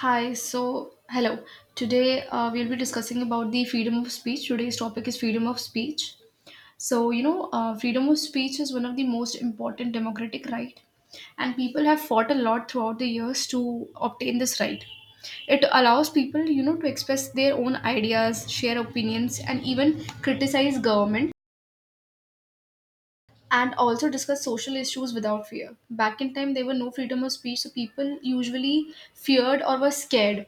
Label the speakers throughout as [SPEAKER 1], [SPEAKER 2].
[SPEAKER 1] Hi, so hello. Today we'll be discussing about the freedom of speech. Today's topic is freedom of speech. So, freedom of speech is one of the most important democratic right, and people have fought a lot throughout the years to obtain this right. It allows people to express their own ideas, share opinions, and even criticize government and also discuss social issues without fear. Back in time, there were no freedom of speech, so people usually feared or were scared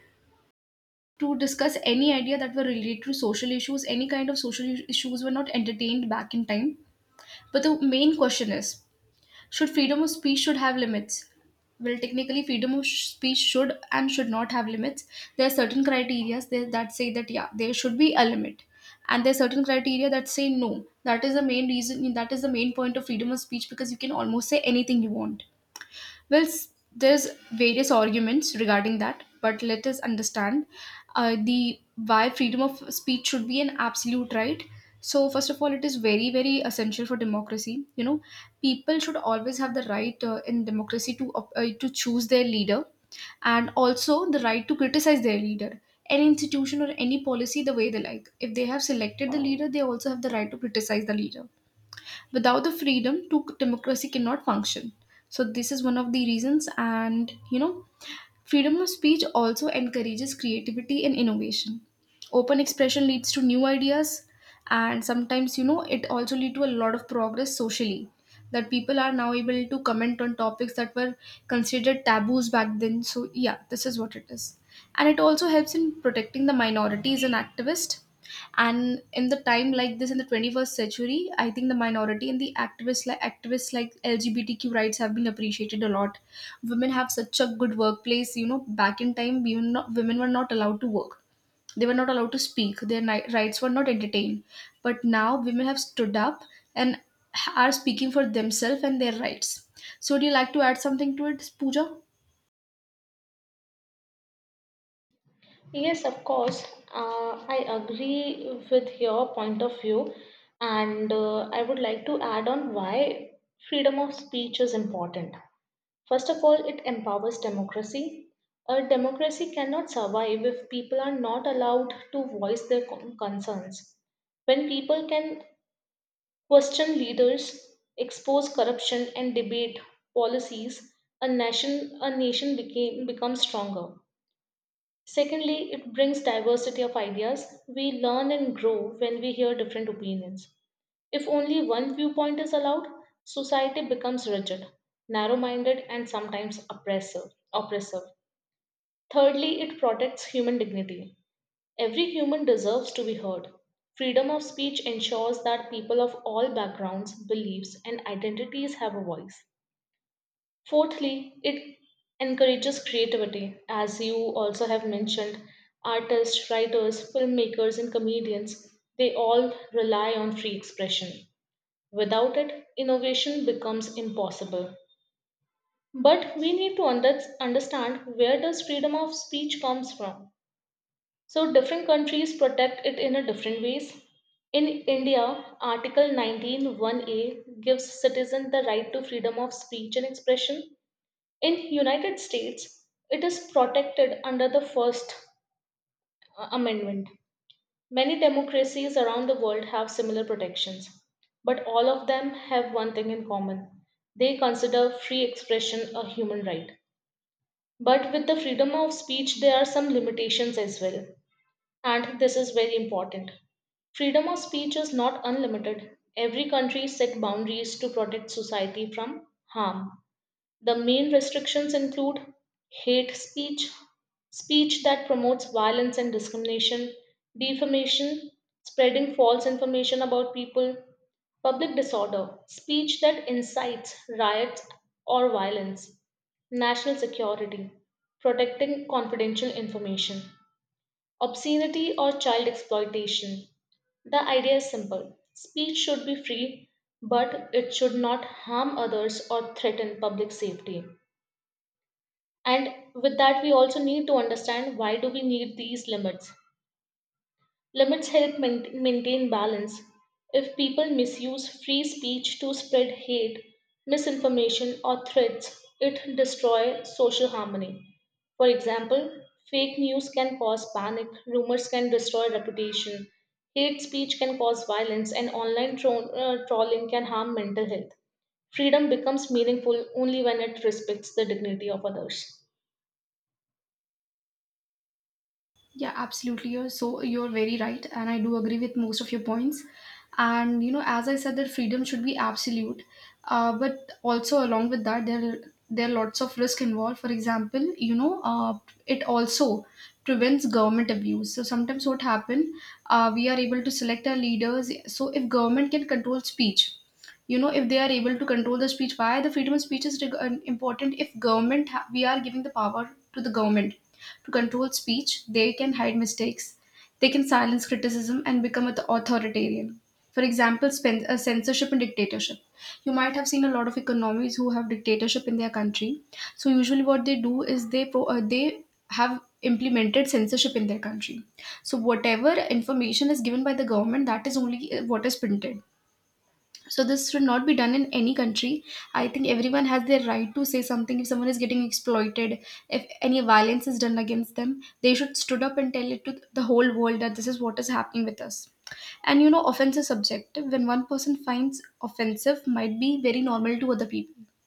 [SPEAKER 1] to discuss any idea that were related to social issues. Any kind of social issues were not entertained back in time. But the main question is, should freedom of speech should have limits? Well, technically, freedom of speech should and should not have limits. There are certain criteria that say that yeah, there should be a limit, and there are certain criteria that say no. That is the main reason. That is the main point of freedom of speech because you can almost say anything you want. Well, there's various arguments regarding that, but let us understand the why freedom of speech should be an absolute right. So first of all, it is very very essential for democracy. People should always have the right in democracy to to choose their leader, and also the right to criticize their leader, any institution or any policy the way they like. If they have selected the leader, they also have the right to criticize the leader. Without the freedom to, democracy cannot function. So this is one of the reasons. And freedom of speech also encourages creativity and innovation. Open expression leads to new ideas, and sometimes it also lead to a lot of progress socially, that people are now able to comment on topics that were considered taboos back then. So yeah, this is what it is. And it also helps in protecting the minorities and activists. And in the time like this, in the 21st century, I think the minority and the activists like LGBTQ rights, have been appreciated a lot. Women have such a good workplace. Back in time we were not, women were not allowed to work. They were not allowed to speak their rights were not entertained. But now women have stood up and are speaking for themselves and their rights. So do you like to add something to it, Pooja?
[SPEAKER 2] Yes, of course. I agree with your point of view, and I would like to add on why freedom of speech is important. First of all, it empowers democracy. A democracy cannot survive if people are not allowed to voice their concerns. When people can question leaders, expose corruption, and debate policies, a nation became becomes stronger. Secondly, it brings diversity of ideas. We learn and grow when we hear different opinions. If only one viewpoint is allowed, society becomes rigid, narrow minded, and sometimes oppressive. Thirdly, it protects human dignity. Every human deserves to be heard. Freedom of speech ensures that people of all backgrounds, beliefs, and identities have a voice. Fourthly, it encourages creativity. As you also have mentioned, artists, writers, filmmakers, and comedians, they all rely on free expression. Without it, innovation becomes impossible. But we need to understand where does freedom of speech comes from. So different countries protect it in a different ways. In India, Article Nineteen One a gives citizens the right to freedom of speech and expression. In United States, it is protected under the first amendment. Many democracies around the world have similar protections, but all of them have one thing in common: they consider free expression a human right. But with the freedom of speech, there are some limitations as well, and this is very important. Freedom of speech is not unlimited. Every country set boundaries to protect society from harm. The main restrictions include hate speech, speech that promotes violence and discrimination; defamation, spreading false information about people; public disorder, speech that incites riots or violence; national security, protecting confidential information; obscenity or child exploitation. The idea is simple: speech should be free, but it should not harm others or threaten public safety. And with that, we also need to understand why do we need these limits. Limits help maintain balance. If people misuse free speech to spread hate, misinformation or threats, it destroys social harmony. For example, fake news can cause panic, rumors can destroy reputation, hate speech can cause violence, and online trolling can harm mental health. Freedom becomes meaningful only when it respects the dignity of others.
[SPEAKER 1] Yeah, absolutely. You're very right, and I do agree with most of your points. And as I said, that freedom should be absolute, but also along with that, there are lots of risk involved. For example, it also prevents government abuse. So sometimes what happen, we are able to select our leaders. So if government can control speech, if they are able to control the speech, why the freedom of speech is an important. If government we are giving the power to the government to control speech, they can hide mistakes. They can silence criticism and become an authoritarian. For example, censorship and dictatorship. You might have seen a lot of economies who have dictatorship in their country. So usually what they do is they have implemented censorship in their country. So whatever information is given by the government, that is only what is printed. So this should not be done in any country. I think everyone has their right to say something if someone is getting exploited. If any violence is done against them, they should stood up and tell it to the whole world that this is what is happening with us. And offense is subjective. When one person finds offensive, might be very normal to other people.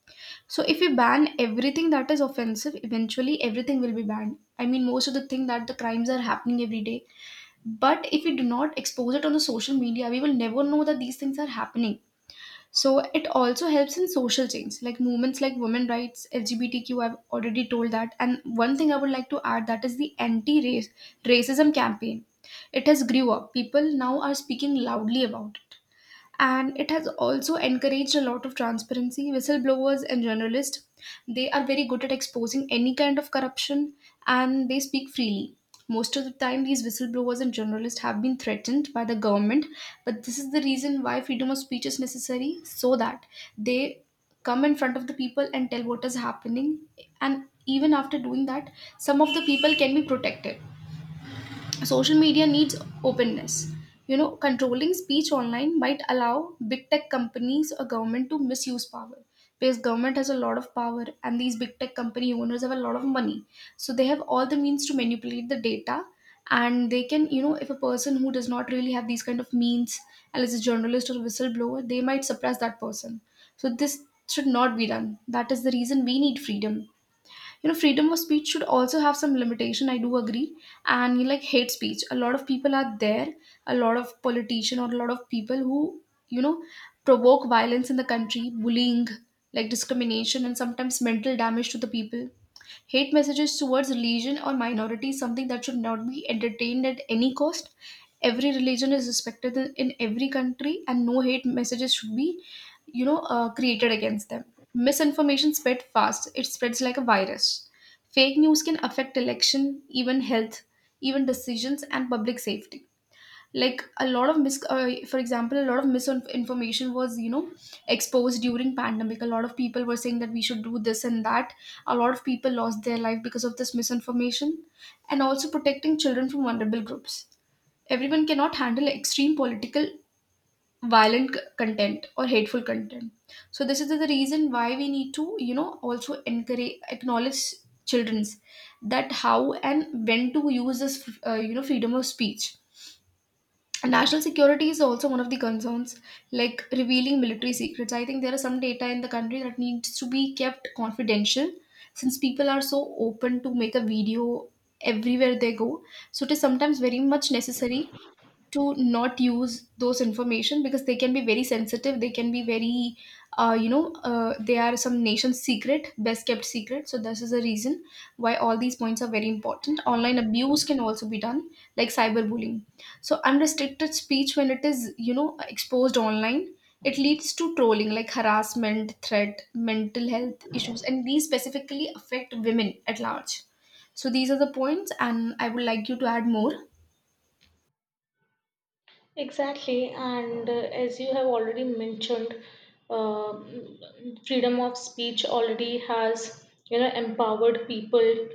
[SPEAKER 1] So if we ban everything that is offensive, eventually everything will be banned. I mean, most of the thing that the crimes are happening every day. But if we do not expose it on the social media, we will never know that these things are happening. So it also helps in social change, like movements like women rights, LGBTQ. I've already told that. And one thing I would like to add that is the anti-race racism campaign. It has grew up. People now are speaking loudly about. And it has also encouraged a lot of transparency, whistleblowers, and journalists. They are very good at exposing any kind of corruption, and they speak freely. Most of the time these whistleblowers and journalists have been threatened by the government, but this is the reason why freedom of speech is necessary, so that they come in front of the people and tell what is happening. And even after doing that, some of the people can be protected. Social media needs openness. Controlling speech online might allow big tech companies or government to misuse power, because government has a lot of power and these big tech company owners have a lot of money. So they have all the means to manipulate the data, and they can, if a person who does not really have these kind of means and is a journalist or whistleblower, they might suppress that person. So this should not be done. That is the reason we need freedom. Freedom of speech should also have some limitation, I do agree. And like hate speech, a lot of people are there. A lot of politician or a lot of people who you know provoke violence in the country, bullying, like discrimination, and sometimes mental damage to the people. Hate messages towards religion or minority is something that should not be entertained at any cost. Every religion is respected in every country, and no hate messages should be created against them. Misinformation spread fast; it spreads like a virus. Fake news can affect election, even health, even decisions and public safety. Like a lot of for example, a lot of misinformation was exposed during pandemic. A lot of people were saying that we should do this and that. A lot of people lost their life because of this misinformation, and also protecting children from vulnerable groups. Everyone cannot handle extreme political violent content or hateful content. So this is the reason why we need to also encourage acknowledge children's that how and when to use this freedom of speech. National security is also one of the concerns, like revealing military secrets. I think there are some data in the country that needs to be kept confidential. Since people are so open to make a video everywhere they go, so it is sometimes very much necessary to not use those information because they can be very sensitive, they can be very they are some nation's secret, best kept secret. So this is a reason why all these points are very important. Online abuse can also be done, like cyberbullying. So unrestricted speech, when it is exposed online, it leads to trolling, like harassment, threat, mental health issues, and these specifically affect women at large. So these are the points, and I would like you to add more.
[SPEAKER 2] Exactly, and as you have already mentioned, uh, freedom of speech already has empowered people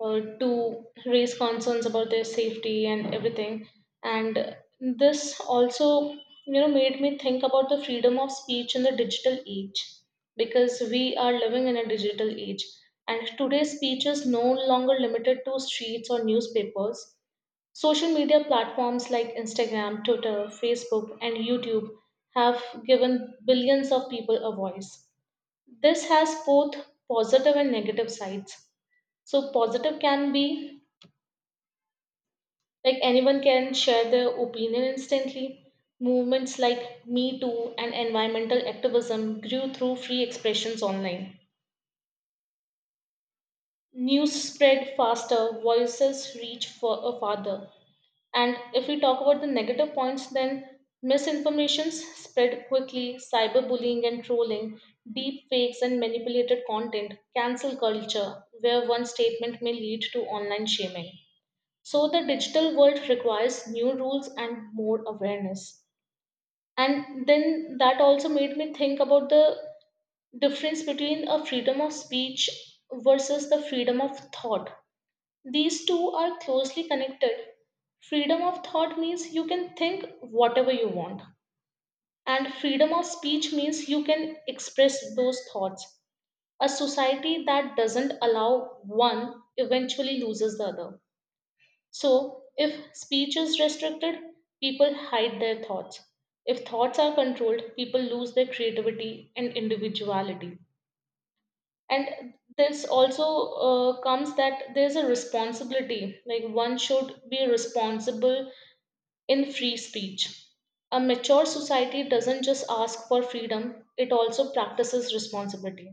[SPEAKER 2] to raise concerns about their safety and everything. And this also made me think about the freedom of speech in the digital age, because we are living in a digital age, and today's speech is no longer limited to streets or newspapers. Social media platforms like Instagram, Twitter, Facebook, and YouTube have given billions of people a voice. This has both positive and negative sides. So, positive can be like anyone can share their opinion instantly. Movements like Me Too and environmental activism grew through free expressions online. News spread faster, voices reach for a farther. And if we talk about the negative points, then misinformations spread quickly, cyberbullying and trolling, deep fakes and manipulated content, cancel culture, where one statement may lead to online shaming. So the digital world requires new rules and more awareness. And then that also made me think about the difference between a freedom of speech versus the freedom of thought. These two are closely connected. Freedom of thought means you can think whatever you want, and freedom of speech means you can express those thoughts. A society that doesn't allow one eventually loses the other. So, if speech is restricted, people hide their thoughts. If thoughts are controlled, people lose their creativity and individuality. And this also comes that there's a responsibility, like one should be responsible in free speech. A mature society doesn't just ask for freedom, it also practices responsibility.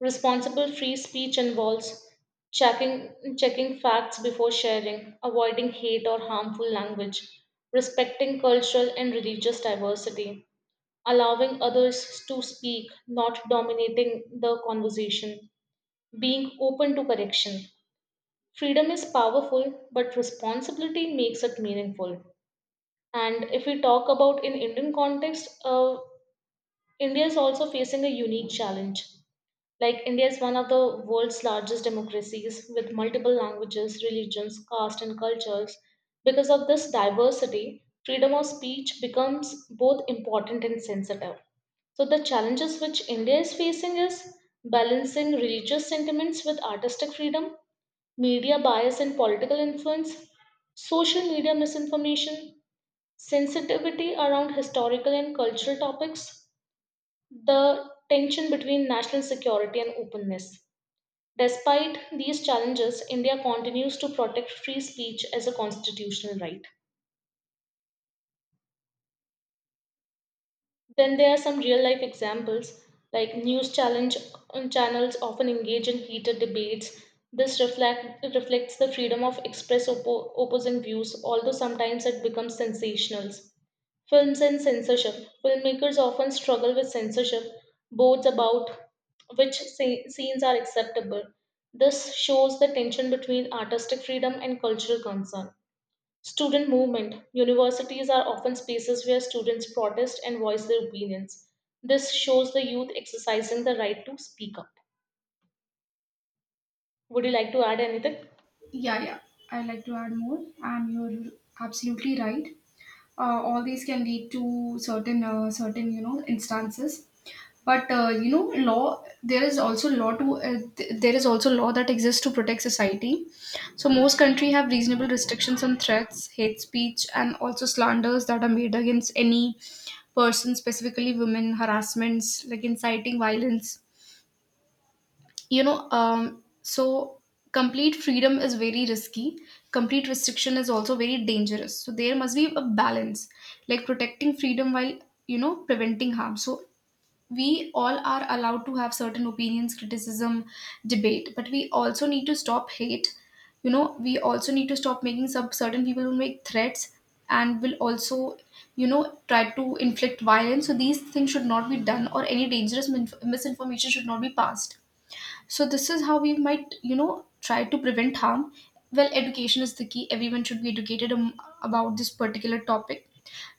[SPEAKER 2] Responsible free speech involves checking checking facts before sharing, avoiding hate or harmful language, respecting cultural and religious diversity, allowing others to speak, not dominating the conversation, being open to correction. Freedom is powerful, but responsibility makes it meaningful. And if we talk about in Indian context, India is also facing a unique challenge. Like India is one of the world's largest democracies with multiple languages, religions, caste, and cultures. Because of this diversity, freedom of speech becomes both important and sensitive. So the challenges which India is facing is balancing religious sentiments with artistic freedom, media bias and political influence, social media misinformation, sensitivity around historical and cultural topics, the tension between national security and openness. Despite these challenges, India continues to protect free speech as a constitutional right. Then there are some real life examples, like news challenge channels often engage in heated debates. This reflects the freedom of express opposing views, although sometimes it becomes sensational. Films and censorship. Filmmakers often struggle with censorship, boards about which scenes are acceptable. This shows the tension between artistic freedom and cultural concern. Student movement. Universities are often spaces where students protest and voice their opinions. This shows the youth exercising the right to speak up. Would you like to add anything?
[SPEAKER 1] Yeah, yeah. I like to add more, and you're absolutely right. All these can lead to certain, certain instances. But law. There is also law to. There is also law that exists to protect society. So most country have reasonable restrictions on threats, hate speech, and also slanders that are made against any person, specifically women, harassments like inciting violence. So complete freedom is very risky. Complete restriction is also very dangerous, so there must be a balance, like protecting freedom while preventing harm. So we all are allowed to have certain opinions, criticism, debate, but we also need to stop hate. We also need to stop making some certain people who make threats and will also try to inflict violence. So these things should not be done or any dangerous misinformation should not be passed. So this is how we might try to prevent harm. Well, education is the key. Everyone should be educated about this particular topic.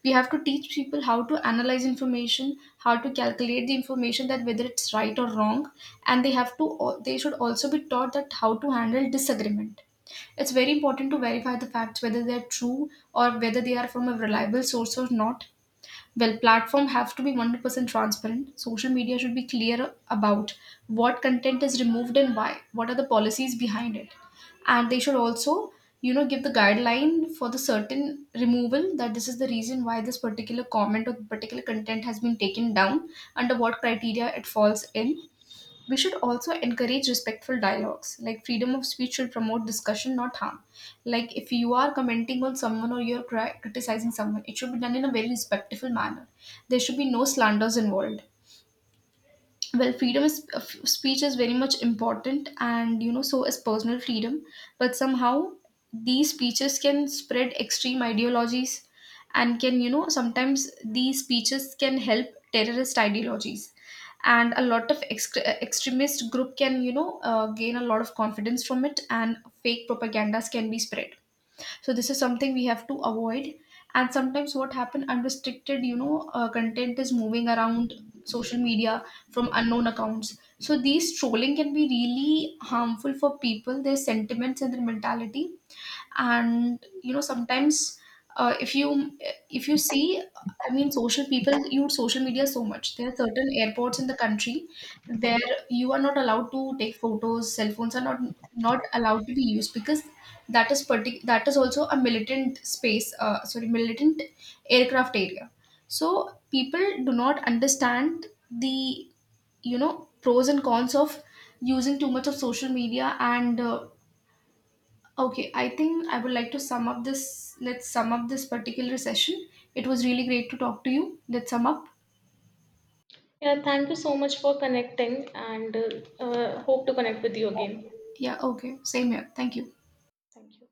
[SPEAKER 1] We have to teach people how to analyze information, how to calculate the information, that whether it's right or wrong. And they have to they should also be taught that how to handle disagreement. It's very important to verify the facts whether they're true or whether they are from a reliable source or not. Well, platform have to be 100% transparent. Social media should be clear about what content is removed and why. What are the policies behind it? And they should also, give the guideline for the certain removal, that this is the reason why this particular comment or particular content has been taken down, under what criteria it falls in. We should also encourage respectful dialogues. Like freedom of speech should promote discussion, not harm. Like if you are commenting on someone or you're criticizing someone, it should be done in a very respectful manner. There should be no slanders involved. Well, freedom of speech is very much important, and so is personal freedom. But somehow these speeches can spread extreme ideologies, and can, sometimes these speeches can help terrorist ideologies, and a lot of extremist group can, gain a lot of confidence from it, and fake propagandas can be spread. So this is something we have to avoid. And sometimes what happen, unrestricted content is moving around social media from unknown accounts. So these trolling can be really harmful for people, their sentiments, and their mentality. And sometimes uh, if you if you see, I mean, social people use social media so much, there are certain airports in the country where you are not allowed to take photos, cell phones are not allowed to be used, because that is that is also a militant space, sorry, militant aircraft area. So people do not understand the pros and cons of using too much of social media and Okay, I think I would like to sum up this. Let's sum up this particular session. It was really great to talk to you. Let's sum up.
[SPEAKER 2] Yeah, thank you so much for connecting and hope to connect with you again.
[SPEAKER 1] Yeah, okay. Same here. Thank you.
[SPEAKER 2] Thank you.